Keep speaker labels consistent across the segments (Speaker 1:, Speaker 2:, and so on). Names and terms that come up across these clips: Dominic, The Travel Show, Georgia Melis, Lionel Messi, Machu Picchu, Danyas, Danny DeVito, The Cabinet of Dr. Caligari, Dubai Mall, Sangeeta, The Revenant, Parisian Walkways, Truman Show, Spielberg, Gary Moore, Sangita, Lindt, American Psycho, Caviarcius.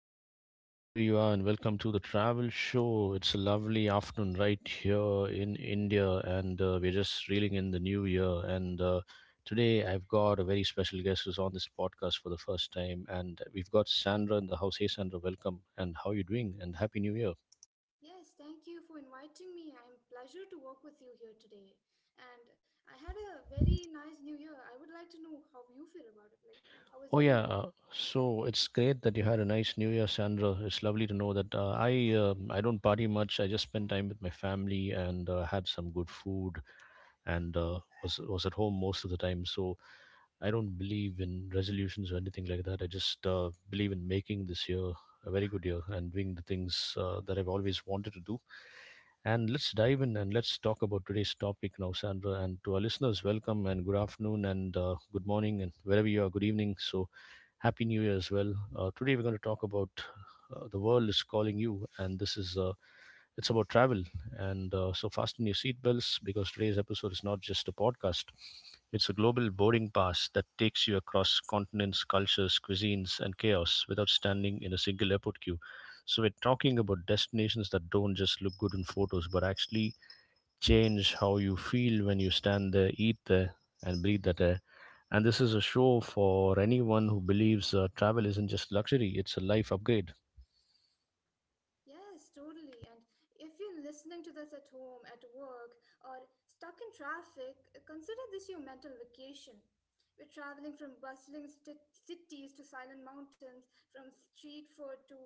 Speaker 1: and good morning wherever you are, and welcome to the travel show. It's a lovely afternoon right here in India, and we're just reeling in the new year. And Today I've got a very special guest who's on this podcast for the first time, and we've got Sandra in the house. Hey Sandra, welcome, and how are you doing? And happy new year.
Speaker 2: Yes, thank you for inviting me. I'm pleasure to work with you here today. And I had a very nice new year. I would like to know how you feel about it. Like, how was
Speaker 1: Oh
Speaker 2: your
Speaker 1: yeah,
Speaker 2: new year?
Speaker 1: So it's great that you had a nice New Year, Sandra. It's lovely to know that I don't party much. I just spend time with my family and had some good food and was at home most of the time. So I don't believe in resolutions or anything like that. I just believe in making this year a very good year and doing the things that I've always wanted to do. And let's dive in and let's talk about today's topic now, Sandra. And to our listeners, welcome and good afternoon and good morning and wherever you are, good evening. So, happy new year as well. Today, we're going to talk about the world is calling you, and this is it's about travel. And so, fasten your seatbelts because today's episode is not just a podcast. It's a global boarding pass that takes you across continents, cultures, cuisines, and chaos without standing in a single airport queue. So we're talking about destinations that don't just look good in photos, but actually change how you feel when you stand there, eat there, and breathe that air. And this is a show for anyone who believes travel isn't just luxury; it's a life upgrade.
Speaker 2: Yes, totally. And if you're listening to this at home, at work, or stuck in traffic, consider this your mental vacation. We're traveling from cities to silent mountains, from street food to,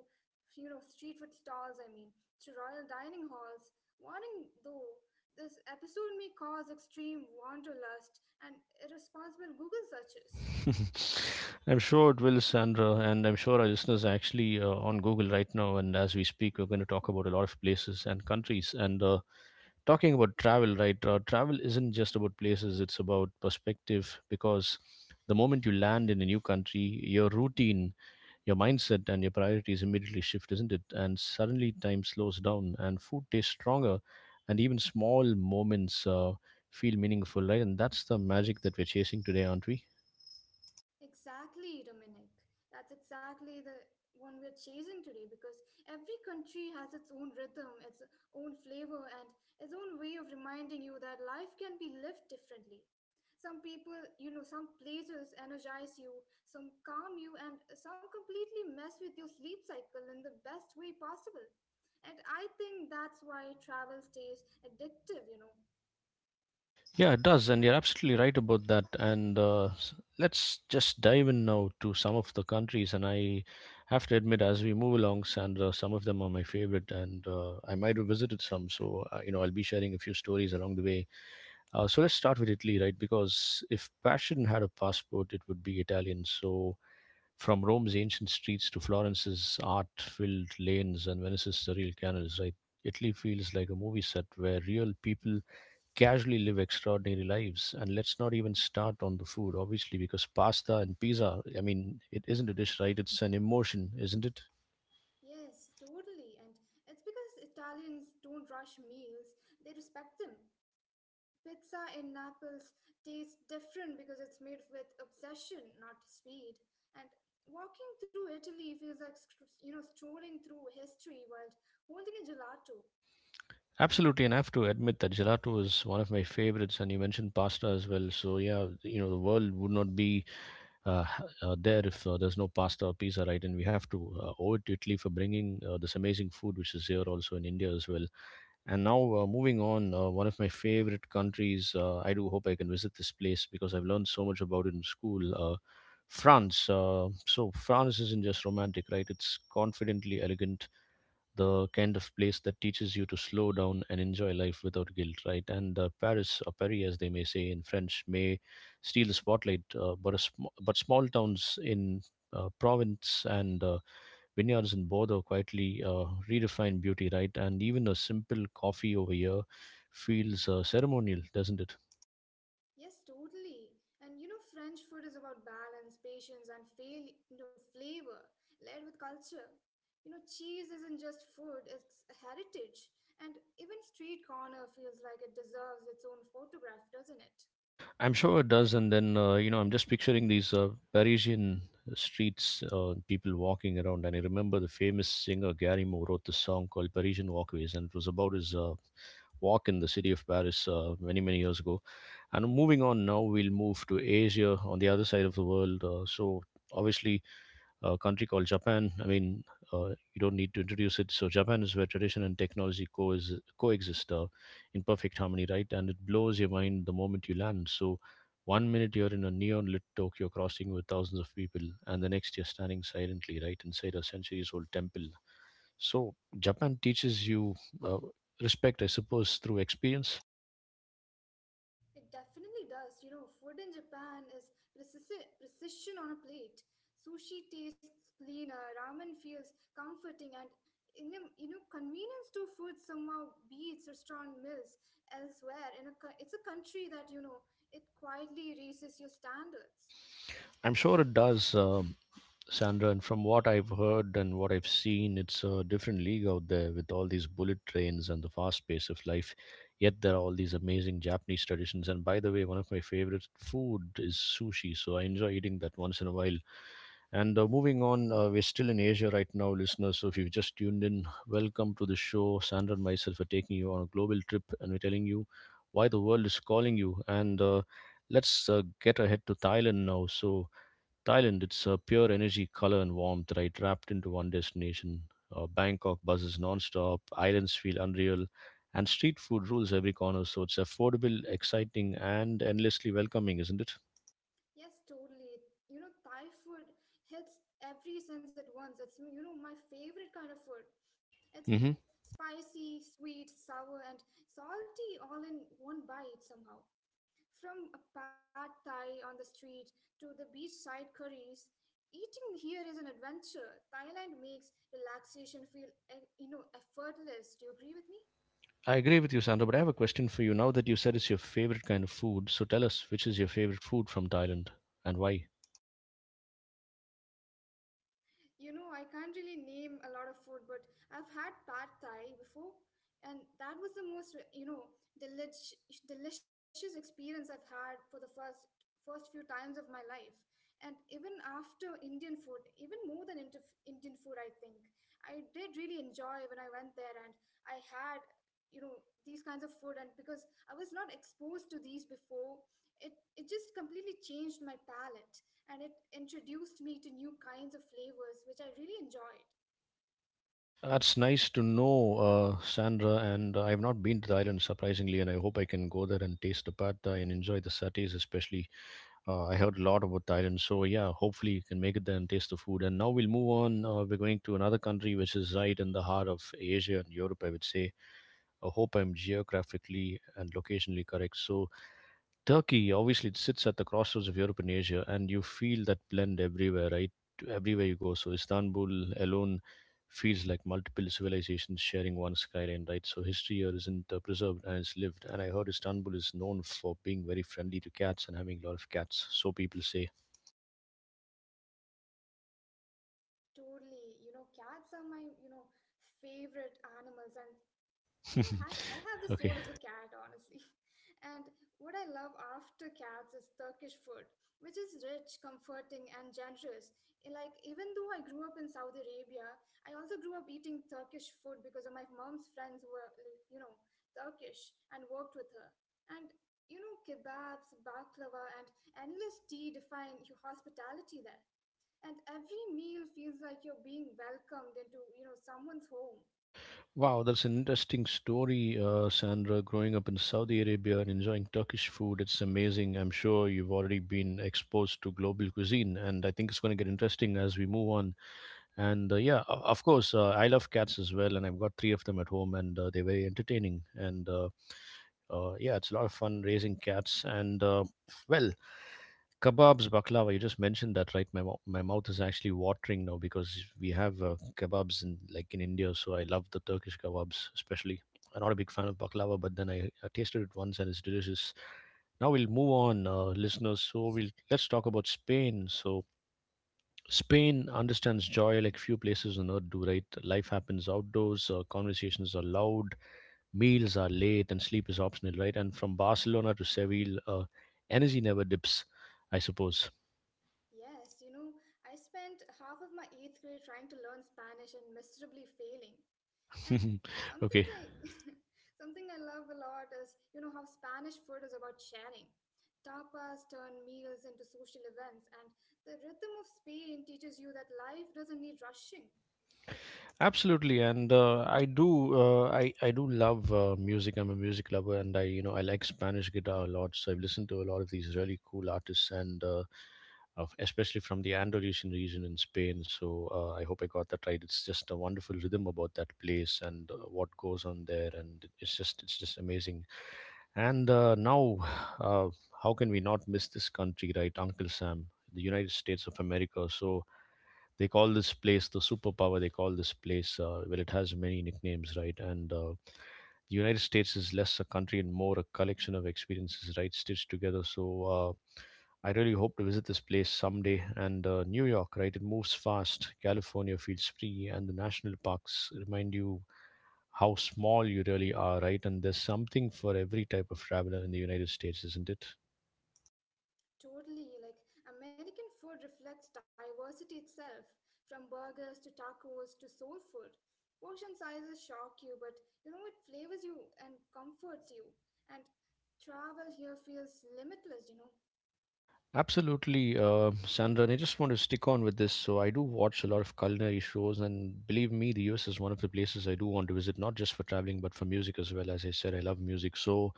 Speaker 2: you know, street food stalls, I mean, to royal dining halls. Warning though, this episode may cause extreme wanderlust and irresponsible Google searches.
Speaker 1: I'm sure it will, Sandra, and I'm sure our listeners are actually on Google right now. And as we speak, we're going to talk about a lot of places and countries. And Talking about travel, right, travel isn't just about places, it's about perspective, because the moment you land in a new country, your routine, your mindset, and your priorities immediately shift, isn't it? And suddenly time slows down and food tastes stronger and even small moments feel meaningful, right? And that's the magic that we're chasing today, aren't we?
Speaker 2: Exactly, Dominic. That's exactly the one we're chasing today because every country has its own rhythm, its own flavor, and its own way of reminding you that life can be lived differently. Some people, you know, some places energize you, some calm you, and some completely mess with your sleep cycle in the best way possible. And I think that's why travel stays addictive, you know.
Speaker 1: Yeah, it does, and you're absolutely right about that. Let's just dive in now to some of the countries. And I have to admit, as we move along, Sandra, some of them are my favorite, and I might have visited some. So you know, I'll be sharing a few stories along the way. So let's start with Italy, right? Because if passion had a passport, it would be Italian. So from Rome's ancient streets to Florence's art-filled lanes and Venice's surreal canals, right? Italy feels like a movie set where real people casually live extraordinary lives. And let's not even start on the food, obviously, because pasta and pizza, I mean, it isn't a dish, right? It's an emotion, isn't it?
Speaker 2: Yes, totally. And it's because Italians don't rush meals, they respect them. Pizza in Naples tastes different because it's made with obsession, not speed. And walking through Italy feels like, you know, strolling through history while holding a gelato.
Speaker 1: Absolutely, and I have to admit that gelato is one of my favorites, and you mentioned pasta as well. So yeah, you know the world would not be there if there's no pasta or pizza, right? And we have to owe it to Italy for bringing this amazing food, which is here also in India as well. And now, moving on, one of my favorite countries. I do hope I can visit this place because I've learned so much about it in school. France. France isn't just romantic, right? It's confidently elegant, the kind of place that teaches you to slow down and enjoy life without guilt, right? And Paris, or Paris as they may say in French, may steal the spotlight, but small towns in province and vineyards in Bordeaux quietly redefine beauty, right? And even a simple coffee over here feels ceremonial, doesn't it?
Speaker 2: Yes, totally. And you know, French food is about balance, patience, and you know, flavor, layered with culture. You know, cheese isn't just food, it's a heritage. And even street corner feels like it deserves its own photograph, doesn't it?
Speaker 1: I'm sure it does. And then, you know, I'm just picturing these Parisian streets, people walking around. And I remember the famous singer Gary Moore wrote this song called Parisian Walkways, and it was about his walk in the city of Paris many, many years ago. And moving on now, we'll move to Asia on the other side of the world. Obviously, a country called Japan. I mean, you don't need to introduce it. So Japan is where tradition and technology coexist in perfect harmony, right? And it blows your mind the moment you land. So one minute you're in a neon lit Tokyo crossing with thousands of people, and the next you're standing silently right inside a centuries old temple. So Japan teaches you uh, respect, I suppose, through experience.
Speaker 2: It definitely does. You know, food in Japan is precision on a plate. Sushi tastes cleaner, ramen feels comforting, and you know, convenience to food somehow beats restaurant meals elsewhere. It's a country that you know it quietly raises your standards.
Speaker 1: I'm sure it does. Sandra, and from what I've heard and what I've seen, it's a different league out there with all these bullet trains and the fast pace of life. Yet there are all these amazing Japanese traditions. And by the way, one of my favorite food is sushi, so I enjoy eating that once in a while. And Moving on, we're still in Asia right now, listeners. So if you've just tuned in, welcome to the show. Sandra and myself are taking you on a global trip, and we're telling you why the world is calling you. And Let's get ahead to Thailand now. So Thailand, it's pure energy, color, and warmth, right? Wrapped into one destination. Bangkok buzzes nonstop, islands feel unreal, and street food rules every corner. So it's affordable, exciting, and endlessly welcoming, isn't it?
Speaker 2: Yes, totally. You know, Thai food hits every sense at once. It's, you know, my favorite kind of food. It's
Speaker 1: Hmm.
Speaker 2: spicy, sweet, sour, and salty all in one bite somehow. From a pad Thai on the street to the beachside curries, eating here is an adventure. Thailand makes relaxation feel, you know, effortless. Do you agree with me?
Speaker 1: I agree with you, Sandra, but I have a question for you. Now that you said it's your favorite kind of food, so tell us which is your favorite food from Thailand and why?
Speaker 2: You know, I can't really name a lot of food, but I've had pad thai before, and that was the most, you know, delish, delicious experience I've had for the first few times of my life. And even after Indian food, even more than Indian food, I think I did really enjoy when I went there and I had, you know, these kinds of food. And because I was not exposed to these before, it just completely changed my palate and it introduced me to new kinds of flavors which I really enjoyed.
Speaker 1: That's nice to know, Sandra. And I've not been to Thailand, surprisingly, and I hope I can go there and taste the pad thai and enjoy the satays, especially. I heard a lot about Thailand, so yeah, hopefully you can make it there and taste the food. And now we'll move on. We're going to another country which is right in the heart of Asia and Europe, I would say. I hope I'm geographically and locationally correct. So Turkey, obviously, it sits at the crossroads of Europe and Asia, and you feel that blend everywhere, right? Everywhere you go. So Istanbul alone feels like multiple civilizations sharing one skyline, right? So history here isn't preserved and it's lived. And I heard Istanbul is known for being very friendly to cats and having a lot of cats, so people say.
Speaker 2: Totally, you know, cats are my, you know, favorite animals and you know, I have the
Speaker 1: Okay.
Speaker 2: soul of a cat, honestly. And what I love after cats is Turkish food, which is rich, comforting, and generous. Like, even though I grew up in Saudi Arabia, I also grew up eating Turkish food because of my mom's friends who were, you know, Turkish and worked with her. And, you know, kebabs, baklava, and endless tea define your hospitality there. And every meal feels like you're being welcomed into, you know, someone's home.
Speaker 1: Wow, that's an interesting story, Sandra. Growing up in Saudi Arabia and enjoying Turkish food, it's amazing. I'm sure you've already been exposed to global cuisine, and I think it's going to get interesting as we move on. Of course, I love cats as well, and I've got three of them at home, and they're very entertaining. And Yeah, it's a lot of fun raising cats. And Well, kebabs, baklava. You just mentioned that, right? My mouth is actually watering now because we have kebabs in like in India, so I love the Turkish kebabs especially. I'm not a big fan of baklava, but then I tasted it once and it's delicious. Now we'll move on, listeners. So we'll Let's talk about Spain. So Spain understands joy like few places on earth do, right? Life happens outdoors, conversations are loud, meals are late, and sleep is optional, right? And from Barcelona to Seville, energy never dips, I suppose.
Speaker 2: Yes, you know, I spent half of my eighth grade trying to learn Spanish and miserably failing. And something
Speaker 1: Okay.
Speaker 2: I something I love a lot is, you know, how Spanish food is about sharing. Tapas turn meals into social events, and the rhythm of Spain teaches you that life doesn't need rushing.
Speaker 1: Absolutely, and I do love music. I'm a music lover, and I, you know, I like Spanish guitar a lot. So I've listened to a lot of these really cool artists, and especially from the Andalusian region in Spain. So I hope I got that right. It's just a wonderful rhythm about that place and what goes on there, and it's just amazing. And now, uh, how can we not miss this country, right? Uncle Sam, the United States of America. So they call this place the superpower. They call this place, well, it has many nicknames, right? And the United States is less a country and more a collection of experiences, right, stitched together. So I really hope to visit this place someday. And New York, right, it moves fast. California feels free, and the national parks remind you how small you really are, right? And there's something for every type of traveler in the United States, isn't it?
Speaker 2: Totally, like American food reflects diversity itself, from burgers to tacos to soul food. Portion sizes shock you, but you know it flavors you and comforts you. And travel here feels limitless, you know.
Speaker 1: Absolutely, Sandra. And I just want to stick on with this. So, I do watch a lot of culinary shows, and believe me, the US is one of the places I do want to visit, not just for traveling, but for music as well. As I said, I love music. So,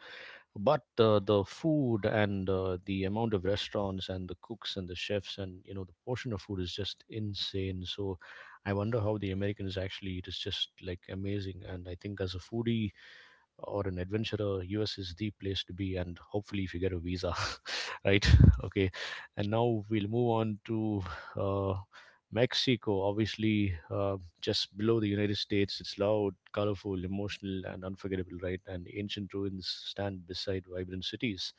Speaker 1: but the food and the amount of restaurants and the cooks and the chefs and the portion of food is just insane. So, I wonder how the Americans actually eat. It's just like amazing. And I think as a foodie, or an adventurer, US is the place to be, and hopefully, if you get a visa, right? Okay, and now we'll move on to uh, Mexico. Obviously, just below the United States, it's loud, colorful, emotional, and unforgettable, right? And ancient ruins stand beside vibrant cities.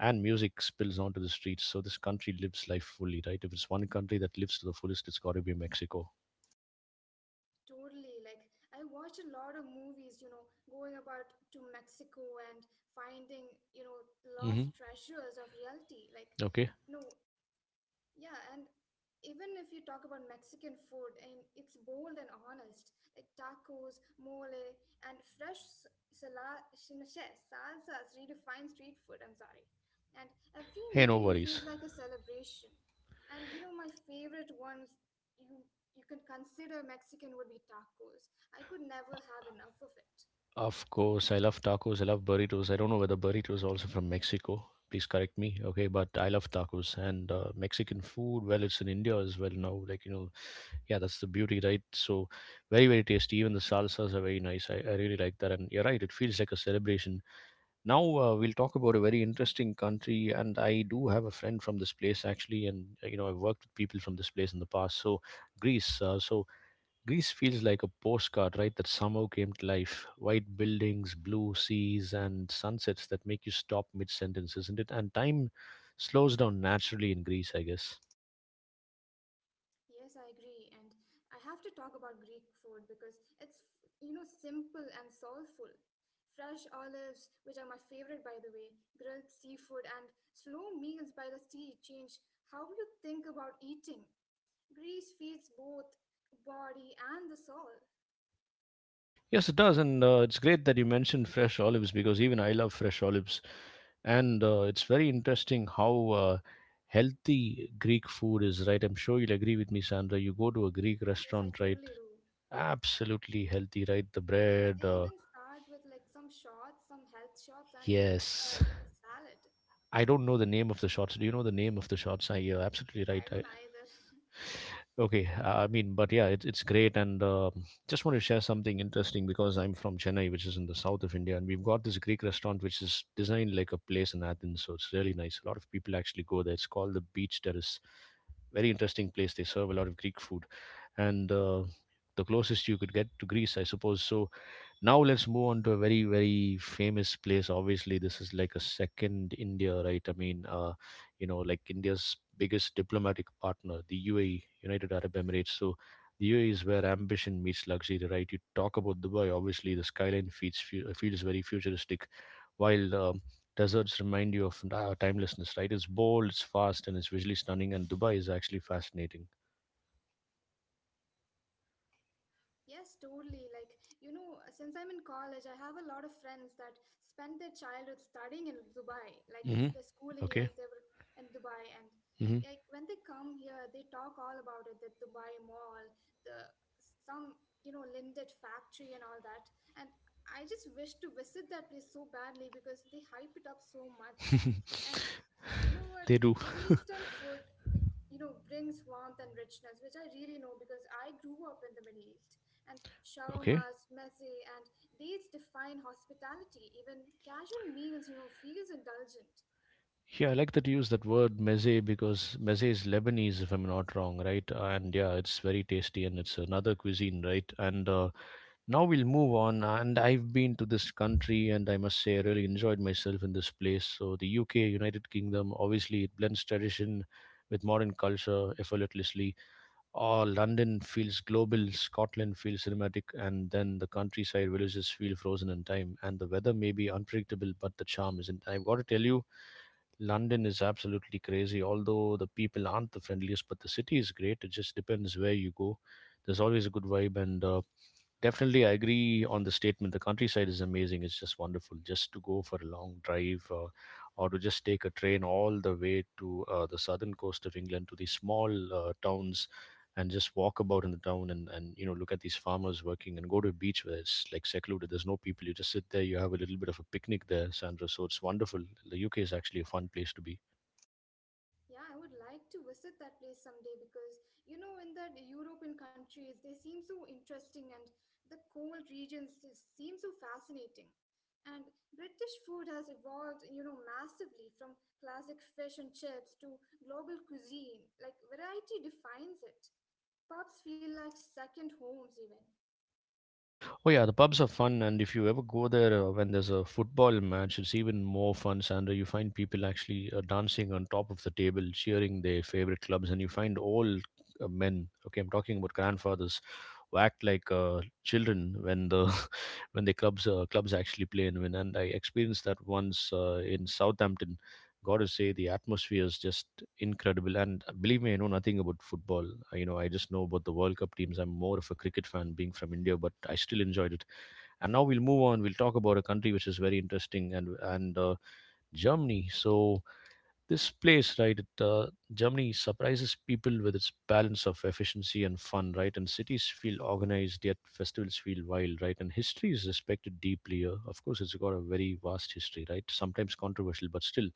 Speaker 1: And music spills onto the streets, so this country lives life fully, right? If it's one country that lives to the fullest, it's got to be Mexico.
Speaker 2: Totally, like I watched a lot of movies, you know, going about to Mexico and finding, you know,
Speaker 1: Hmm.
Speaker 2: lost treasures of reality. Like,
Speaker 1: Okay.
Speaker 2: no, yeah, and even if you talk about Mexican food, and it's bold and honest, like tacos, mole, and fresh salsas redefine street food. I'm sorry, and every
Speaker 1: Hey, no
Speaker 2: meal
Speaker 1: worries.
Speaker 2: feels like a celebration. And you know, my favorite ones you you can consider Mexican would be tacos. I could never have enough of it.
Speaker 1: Of course, I love tacos. I love burritos. I don't know whether burritos are also from Mexico. Please correct me. Okay, but I love tacos and Mexican food. Well, it's in India as well now. Like, you know, yeah, that's the beauty, right? So, very, very tasty. Even the salsas are very nice. I really like that. And you're right, it feels like a celebration. Now, we'll talk about a very interesting country. And I do have a friend from this place, actually. And, you know, I've worked with people from this place in the past. So, Greece. So, Greece feels like a postcard, right, that somehow came to life. White buildings, blue seas, and sunsets that make you stop mid sentence, isn't it? And time slows down naturally in Greece, I guess.
Speaker 2: Yes, I agree. And I have to talk about Greek food because it's, you know, simple and soulful. Fresh olives, which are my favorite by the way, grilled seafood, and slow meals by the sea change how you think about eating. Greece feeds both body and the soul.
Speaker 1: Yes, it does. And it's great that you mentioned fresh olives because even I love fresh olives. And it's very interesting how healthy Greek food is, right? I'm sure you'll agree with me, Sandra. You go to a Greek
Speaker 2: Yes, I
Speaker 1: restaurant, right?
Speaker 2: totally do.
Speaker 1: Absolutely healthy, right? The
Speaker 2: Yeah, they
Speaker 1: bread,
Speaker 2: even start with like some shots, some health shots, and uh,
Speaker 1: yes,
Speaker 2: s- salad.
Speaker 1: I don't know the name of the shots. Do you know the name of the shots? I you're absolutely right.
Speaker 2: I don't either.
Speaker 1: Okay, I mean, but yeah, it's great, and just want to share something interesting because I'm from Chennai, which is in the south of India, and we've got this Greek restaurant which is designed like a place in Athens, so it's really nice. A lot of people actually go there. It's called the Beach Terrace. Very interesting place. They serve a lot of Greek food, and the closest you could get to Greece, I suppose. So now let's move on to a very very famous place. Obviously, this is like a second India, right? I mean, you know, like India's biggest diplomatic partner, the UAE, United Arab Emirates. So the UAE is where ambition meets luxury, right? You talk about Dubai. Obviously, the skyline feels feels very futuristic, while deserts remind you of timelessness, right? It's bold, it's fast, and it's visually stunning, and Dubai is actually fascinating.
Speaker 2: Yes, totally. Like, you know, since I'm in college, I have a lot of friends that spent their childhood studying in Dubai. Like,
Speaker 1: Hmm.
Speaker 2: their schooling
Speaker 1: Okay.
Speaker 2: years, they were in Dubai. And,
Speaker 1: Hmm.
Speaker 2: like, when they come here, they talk all about it, the Dubai Mall, the some, you know, Lindt factory and all that. And I just wish to visit that place so badly because they hype it up so much. And you know what?
Speaker 1: They do.
Speaker 2: Middle Eastern food, you know, brings warmth and richness, which I really know because I grew up in the Middle East and
Speaker 1: Okay.
Speaker 2: shawarmas, meze, and dates define hospitality. Even casual meals, you know, feels indulgent.
Speaker 1: Yeah, I like that you use that word meze because meze is Lebanese, if I'm not wrong, right? And yeah, it's very tasty and it's another cuisine, right? And now we'll move on. And I've been to this country and I must say I really enjoyed myself in this place. So the UK, United Kingdom, obviously it blends tradition with modern culture effortlessly. Oh, London feels global, Scotland feels cinematic, and then the countryside villages feel frozen in time. And the weather may be unpredictable, but the charm isn't. I've got to tell you, London is absolutely crazy. Although the people aren't the friendliest, but the city is great. It just depends where you go. There's always a good vibe, and definitely I agree on the statement. The countryside is amazing. It's just wonderful. Just to go for a long drive, or to just take a train all the way to the southern coast of England to the small towns and just walk about in the town and look at these farmers working and go to a beach where it's like secluded. There's no people. You just sit there, you have a little bit of a picnic there, Sandra, so it's wonderful. The UK is actually a fun place to be.
Speaker 2: Yeah, I would like to visit that place someday because you know, in the European countries, they seem so interesting, and the cold regions just seem so fascinating. And British food has evolved, you know, massively from classic fish and chips to global cuisine. Like variety defines it. Pubs feel like second homes, even.
Speaker 1: Oh yeah, the pubs are fun, and if you ever go there when there's a football match, it's even more fun, Sandra. You find people actually dancing on top of the table, cheering their favorite clubs, and you find old men. Okay, I'm talking about grandfathers who act like children when the when the clubs actually play and win. And I experienced that once in Southampton. Got to say the atmosphere is just incredible. And believe me, I know nothing about football. You know, I just know about the World Cup teams. I'm more of a cricket fan, being from India, but I still enjoyed it. And now we'll move on. We'll talk about a country which is very interesting and Germany. So this place, right, Germany surprises people with its balance of efficiency and fun, right? And cities feel organized, yet festivals feel wild, right? And history is respected deeply here. Of course, it's got a very vast history, right? Sometimes controversial, but still,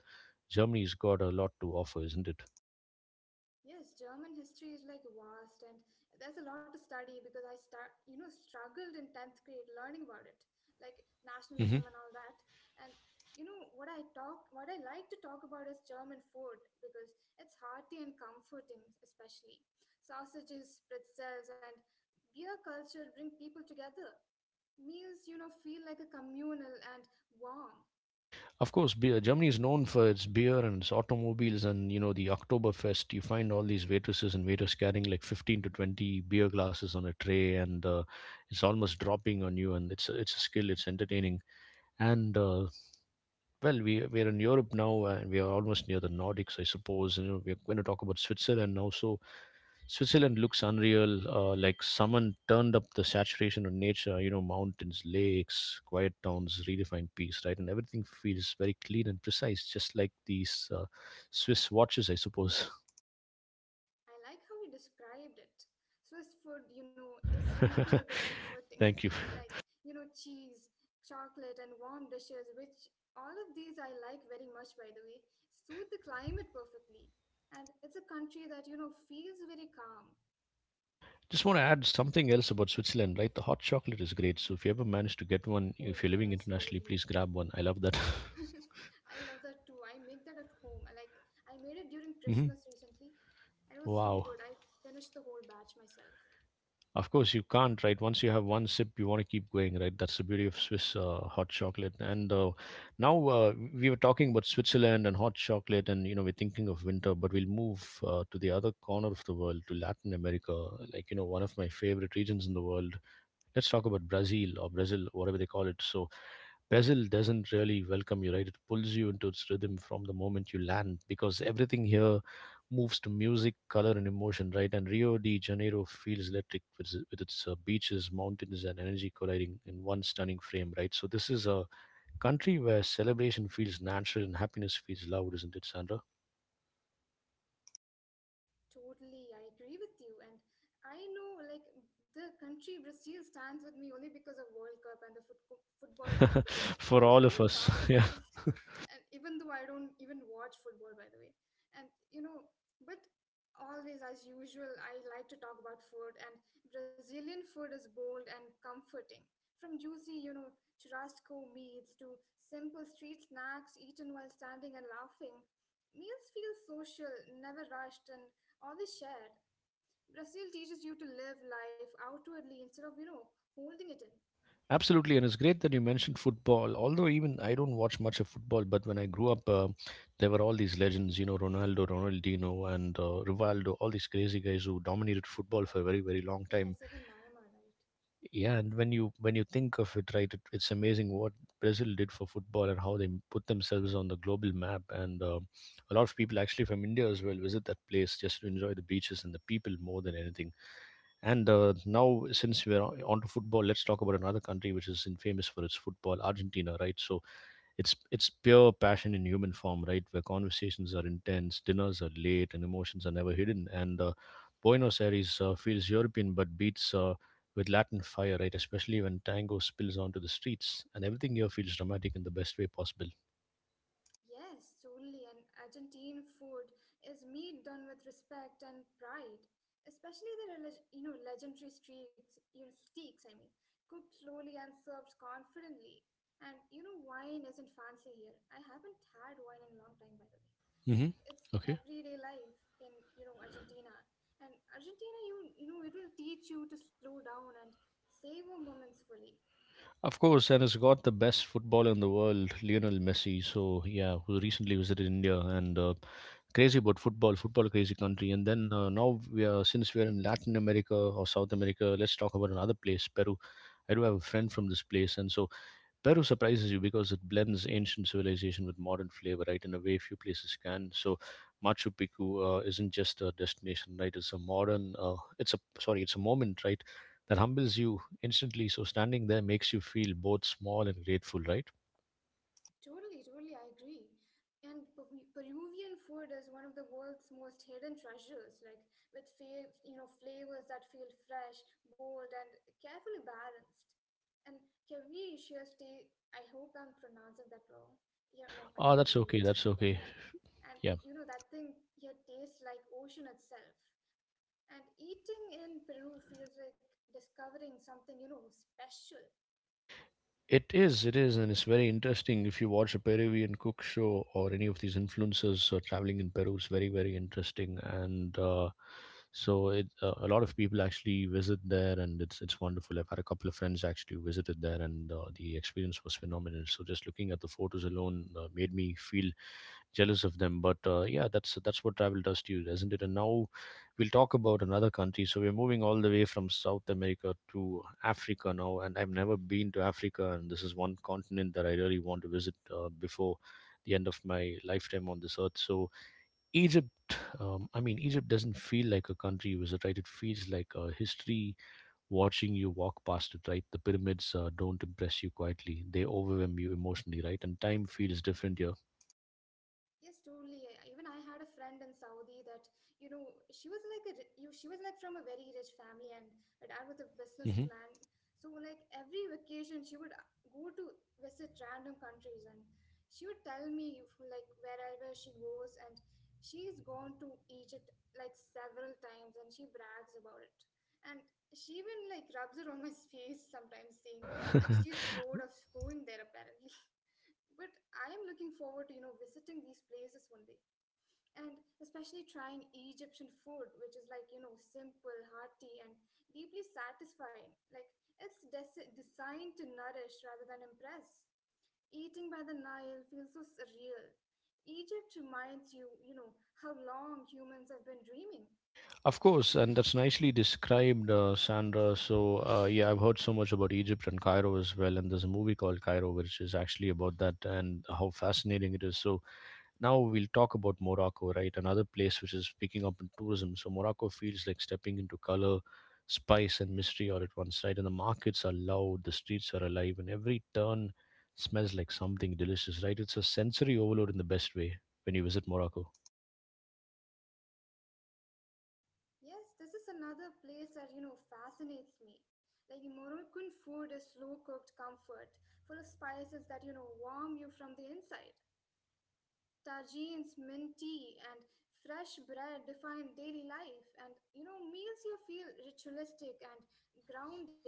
Speaker 1: Germany's got a lot to offer, isn't it?
Speaker 2: Yes, German history is like vast, and there's a lot to study because you know, struggled in 10th grade learning about it, like
Speaker 1: Hmm.
Speaker 2: nationalism and all that. And what I like to talk about is German food because it's hearty and comforting, especially sausages, pretzels, and beer culture bring people together. Meals, you know, feel like a communal and warm.
Speaker 1: Of course, beer. Germany is known for its beer and its automobiles, and you know the Oktoberfest. You find all these waitresses and waiters carrying like 15 to 20 beer glasses on a tray, and it's almost dropping on you. And it's a skill. It's entertaining. And well, we're in Europe now, and we are almost near the Nordics, I suppose. You know, we're going to talk about Switzerland now. So Switzerland looks unreal. Like someone turned up the saturation of nature. You know, mountains, lakes, quiet towns, redefined peace, right? And everything feels very clean and precise, just like these Swiss watches, I suppose.
Speaker 2: I like how you described it. Swiss food, you know, is simple but comforting.
Speaker 1: Thank you.
Speaker 2: Like, you know, cheese, chocolate, and warm dishes, which all of these I like very much, by the way, suit the climate perfectly. And it's a country that, you know, feels very calm.
Speaker 1: Just want to add something else about Switzerland, right? The hot chocolate is great. So if you ever manage to get one,
Speaker 2: Oh,
Speaker 1: if you're living
Speaker 2: yes,
Speaker 1: internationally,
Speaker 2: totally.
Speaker 1: please grab one. I love that.
Speaker 2: I love that too. I make that at home. I Like, I made it during
Speaker 1: Mhm.
Speaker 2: Christmas recently, and it was so
Speaker 1: Wow.
Speaker 2: good. I finished the whole batch myself.
Speaker 1: Of course, you can't, right? Once you have one sip, you want to keep going, right? That's the beauty of Swiss hot chocolate. And now we were talking about Switzerland and hot chocolate, and you know, we're thinking of winter, but we'll move to the other corner of the world, to Latin America, like you know, one of my favorite regions in the world. Let's talk about Brazil or Brazil, whatever they call it. So, Brazil doesn't really welcome you, right? It pulls you into its rhythm from the moment you land because everything here moves to music, color, and emotion, right? And Rio de Janeiro feels electric with its beaches, mountains, and energy colliding in one stunning frame, right? So, this is a country where celebration feels natural and happiness feels loud, isn't it, Sandra?
Speaker 2: Totally, I agree with you. And I know, like, the country Brazil stands with me only because of World Cup and the football team, because, you
Speaker 1: For
Speaker 2: know,
Speaker 1: all of
Speaker 2: everyone
Speaker 1: us.
Speaker 2: talks about
Speaker 1: Yeah.
Speaker 2: it. And even though I don't even watch football, by the way. And, you know, but always, as usual, I like to talk about food. And Brazilian food is bold and comforting. From juicy, you know, churrasco meats to simple street snacks eaten while standing and laughing. Meals feel social, never rushed, and all this shared, Brazil teaches you to live life outwardly instead of, you know, holding it in.
Speaker 1: Absolutely, and it's great that you mentioned football. Although even I don't watch much of football, but when I grew up, there were all these legends, you know, Ronaldo, Ronaldinho, and Rivaldo, all these crazy guys who dominated football for a very, very long
Speaker 2: Yes,
Speaker 1: time.
Speaker 2: even Naima, right?
Speaker 1: Yeah, and when you think of it, right, it's amazing what Brazil did for football and how they put themselves on the global map. And a lot of people actually from India as well visit that place just to enjoy the beaches and the people more than anything. And now, since we're on onto football, let's talk about another country which is famous for its football, Argentina, right? So it's pure passion in human form, right? Where conversations are intense, dinners are late, and emotions are never hidden. And Buenos Aires feels European but beats with Latin fire, right? Especially when tango spills onto the streets, and everything here feels dramatic in the best way possible.
Speaker 2: Yes, truly, and Argentine food is meat done with respect and pride, especially you know legendary you know steaks. I mean, cooked slowly and served confidently. And you know, wine isn't fancy here. I haven't had wine in a long time, by the way. And
Speaker 1: Mm-hmm.
Speaker 2: it's everyday life in you know Argentina. And Argentina, you know, it will teach you to slow down and savor moments fully.
Speaker 1: Of course, and it's got the best footballer in the world, Lionel Messi. So yeah, who recently visited India and crazy about football, football crazy country. And then now we are since we're in Latin America or South America, let's talk about another place, Peru. I do have a friend from this place, and so Peru surprises you because it blends ancient civilization with modern flavor, right? In a way, few places can. So, Machu Picchu isn't just a destination, right? It's a modern, it's a sorry, it's a moment, right? That humbles you instantly. So, standing there makes you feel both small and grateful, right?
Speaker 2: Totally, totally, I agree. And Peruvian food is one of the world's most hidden treasures, like with you know flavors that feel fresh, bold, and carefully balanced. And Caviarcius te, I hope I'm pronouncing that wrong. Yeah, no, I
Speaker 1: Ah,
Speaker 2: mean
Speaker 1: that's okay.
Speaker 2: right.
Speaker 1: That's
Speaker 2: Yeah,
Speaker 1: okay.
Speaker 2: yeah. And
Speaker 1: Yeah.
Speaker 2: you know that thing here tastes like ocean itself. And eating in Peru feels like discovering something you know special.
Speaker 1: It is, and it's very interesting. If you watch a Peruvian cook show or any of these influencers traveling in Peru, it's very, very interesting. And so, a lot of people actually visit there, and it's wonderful. I've had a couple of friends actually who visited there, and the experience was phenomenal. So, just looking at the photos alone made me feel jealous of them. But yeah, that's what travel does to you, isn't it? And now we'll talk about another country. So we're moving all the way from South America to Africa now, and I've never been to Africa, and this is one continent that I really want to visit before the end of my lifetime on this earth. So Egypt, I mean, Egypt doesn't feel like a country visit, right? It feels like a history watching you walk past it, right? The pyramids don't impress you quietly; they overwhelm you emotionally, right? And time feels different here.
Speaker 2: Yes, totally. I- Even I had a friend in Saudi that, you know, she was like she was like from a very rich family and her dad was a
Speaker 1: Hmm.
Speaker 2: businessman. So like every vacation she would go to visit random countries and she would tell me if, like wherever she goes and she's gone to Egypt like several times and she brags about it. And she even like rubs it on my face sometimes saying like she's bored of going there apparently. But I am looking forward to, you know, visiting these places one day. And especially trying Egyptian food, which is like, you know, simple, hearty, and deeply satisfying. Like, it's designed to nourish rather than impress. Eating by the Nile feels so surreal. Egypt reminds you, you know, how long humans have been dreaming.
Speaker 1: Of course, and that's nicely described, Sandra. So, yeah, I've heard so much about Egypt and Cairo as well. And there's a movie called Cairo, which is actually about that and how fascinating it is. So, now we'll talk about Morocco, right? Another place which is picking up in tourism. So, Morocco feels like stepping into color, spice, and mystery all at once, right? And the markets are loud, the streets are alive, and every turn smells like something delicious, right? It's a sensory overload in the best way when you visit Morocco.
Speaker 2: Yes, this is another place that, you know, fascinates me. Like Moroccan food is slow cooked comfort, full of spices that, you know, warm you from the inside. Tagines, mint tea, and fresh bread define daily life. And you know, meals you feel ritualistic and grounding.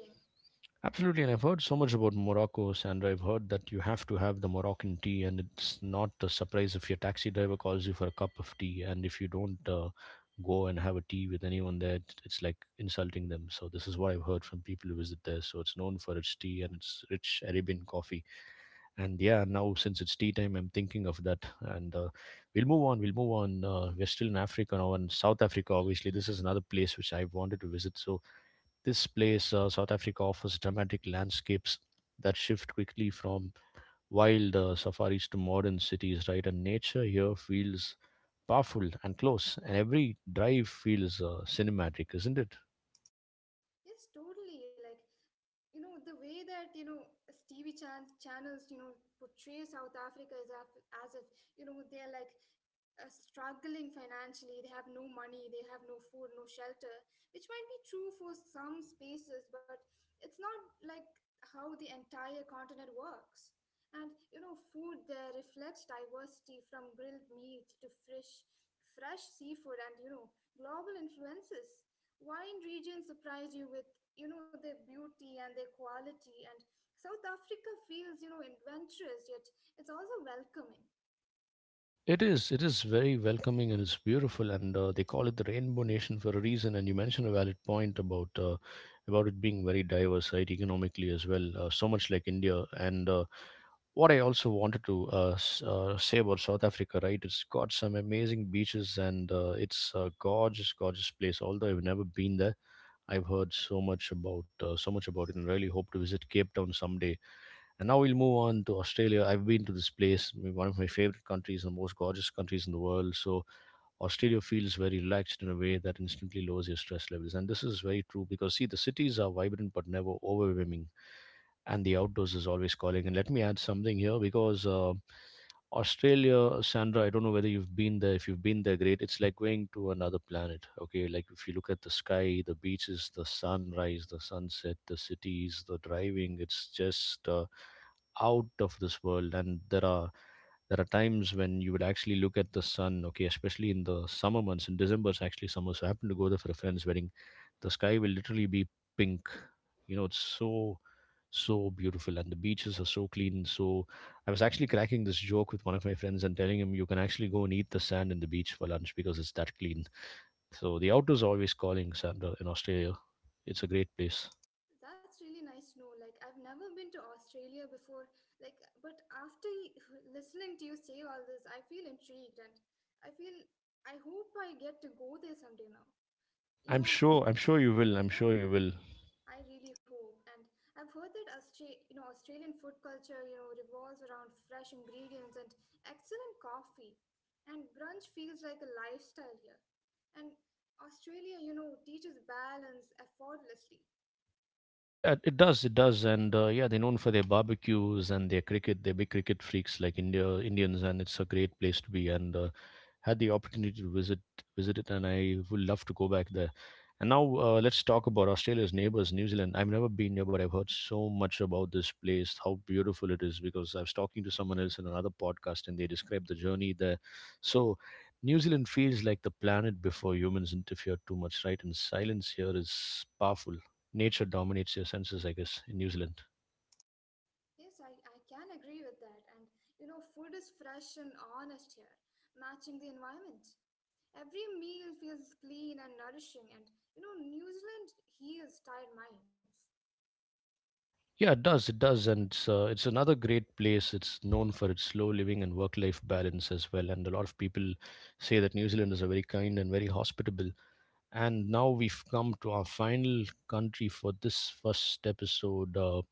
Speaker 1: Absolutely, and I've heard so much about Morocco, Sandra. I've heard that you have to have the Moroccan tea, and it's not a surprise if your taxi driver calls you for a cup of tea, and if you don't go and have a tea with anyone there, it's like insulting them. So this is what I've heard from people who visit there. So it's known for its tea and its rich Arabian coffee. And yeah, now since it's tea time, I'm thinking of that, and we'll move on. We'll move on. We're still in Africa now, and South Africa, obviously, this is another place which I've wanted to visit. So this place, South Africa, offers dramatic landscapes that shift quickly from wild safaris to modern cities, right? And nature here feels powerful and close, and every drive feels cinematic, isn't it?
Speaker 2: Yes, totally. Like you know the way that you know TV channels you know portray South Africa as if you know they're like struggling financially, they have no money, they have no food, no shelter, which might be true for some spaces but it's not like how the entire continent works. And you know food there reflects diversity from grilled meat to fresh seafood and you know global influences. Wine regions surprise you with you know their beauty and their quality, and South Africa feels you know adventurous yet it's also welcoming.
Speaker 1: It is. It is very welcoming and it's beautiful, and they call it the Rainbow Nation for a reason. And you mentioned a valid point about it being very diverse, right, economically as well. So much like India, and what I also wanted to say about South Africa, right? It's got some amazing beaches and it's a gorgeous, gorgeous place. Although I've never been there, I've heard so much about it, and really hope to visit Cape Town someday. And now we'll move on to Australia. I've been to this place, one of my favorite countries, and the most gorgeous countries in the world. So Australia feels very relaxed in a way that instantly lowers your stress levels, and this is very true because see, the cities are vibrant but never overwhelming, and the outdoors is always calling. And let me add something here because Australia, Sandra, I don't know whether you've been there. If you've been there, great. It's like going to another planet. Okay, like if you look at the sky, the beaches, the sunrise, the sunset, the cities, the driving, it's just out of this world. And there are times when you would actually look at the sun. Okay, especially in the summer months. In December, it's actually summer. So I happened to go there for a friend's wedding. The sky will literally be pink, you know, it's so so beautiful, and the beaches are so clean. So I was actually cracking this joke with one of my friends and telling him you can actually go and eat the sand in the beach for lunch because it's that clean. So the outdoors are always calling, Sandra, in Australia. It's a great place.
Speaker 2: That's really nice to know. Like I've never been to Australia before, like, but after listening to you say all this I feel intrigued and I feel I hope I get to go there someday now. You
Speaker 1: I'm
Speaker 2: know,
Speaker 1: sure, I'm sure you will. I'm
Speaker 2: yeah,
Speaker 1: sure you will.
Speaker 2: I really hope. And I've heard that you know Australian food culture you know revolves around fresh ingredients and excellent coffee. And brunch feels like a lifestyle here. And Australia, you know, teaches balance effortlessly.
Speaker 1: Yeah, it does. It does, and yeah, they're known for their barbecues and their cricket. They're big cricket freaks like India Indians, and it's a great place to be. And had the opportunity to visit it, and I would love to go back there. And now let's talk about Australia's neighbors, New Zealand. I've never been here, but I've heard so much about this place, how beautiful it is. Because I was talking to someone else in another podcast, and they described the journey there. So New Zealand feels like the planet before humans interfered too much, right? And silence here is powerful, nature dominates your senses, I guess, in New Zealand.
Speaker 2: Yes, I can agree with that. And you know, food is fresh and honest here, matching the environment. Every meal feels clean and nourishing, and you know, New Zealand heals tired minds.
Speaker 1: Yeah, it does. It does, and it's another great place. It's known for its slow living and work-life balance as well. And a lot of people say that New Zealanders are very kind and very hospitable. And now we've come to our final country for this first episode.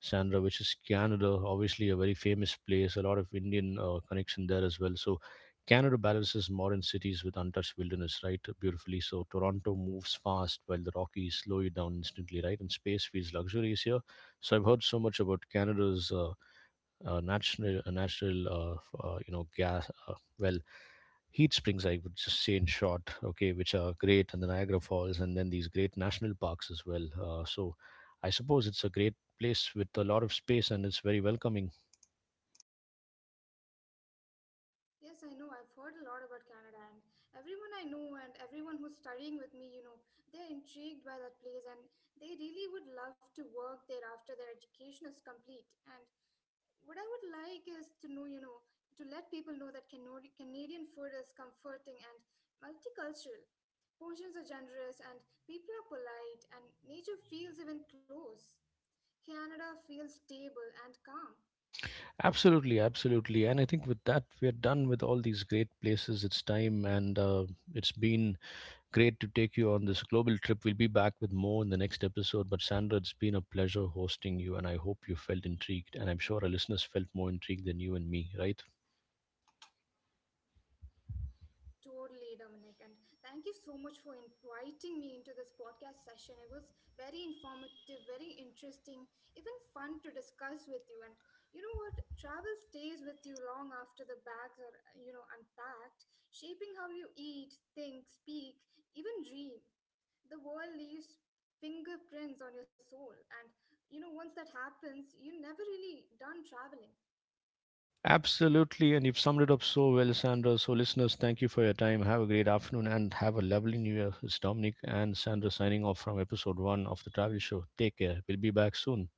Speaker 1: Sandra, which is Canada, obviously a very famous place, a lot of Indian connection there as well. So Canada balances modern cities with untouched wilderness, right? Beautifully. So Toronto moves fast while the Rockies slow you down instantly, right? And space feels luxurious here. So I've heard so much about Canada's natural gas. Well, heat springs, I would just say, in short. Okay, which are great, and the Niagara Falls, and then these great national parks as well. So I suppose it's a great place with a lot of space, and it's very welcoming.
Speaker 2: Yes, I know. I've heard a lot about Canada, and everyone I know and everyone who's studying with me, you know, they're intrigued by that place and they really would love to work there after their education is complete. And what I would like is to know, you know, to let people know that Canadian food is comforting and multicultural. Portions are generous and people are polite, and nature feels even close. Canada feels stable and calm.
Speaker 1: Absolutely, absolutely, and I think with that we're done with all these great places. It's time, and it's been great to take you on this global trip. We'll be back with more in the next episode. But Sandra, it's been a pleasure hosting you, and I hope you felt intrigued, and I'm sure our listeners felt more intrigued than you and me, right?
Speaker 2: Totally, Dominic. And thank you so much for inviting me into this podcast session. It was very informative, very interesting, even fun to discuss with you. And you know what? Travel stays with you long after the bags are, you know, unpacked, shaping how you eat, think, speak, even dream. The world leaves fingerprints on your soul. And you know, once that happens, you're never really done traveling.
Speaker 1: Absolutely. And you've summed it up so well, Sandra. So, listeners, thank you for your time. Have a great afternoon and have a lovely New Year. It's Dominic and Sandra signing off from episode 1 of The Travel Show. Take care. We'll be back soon. Bye.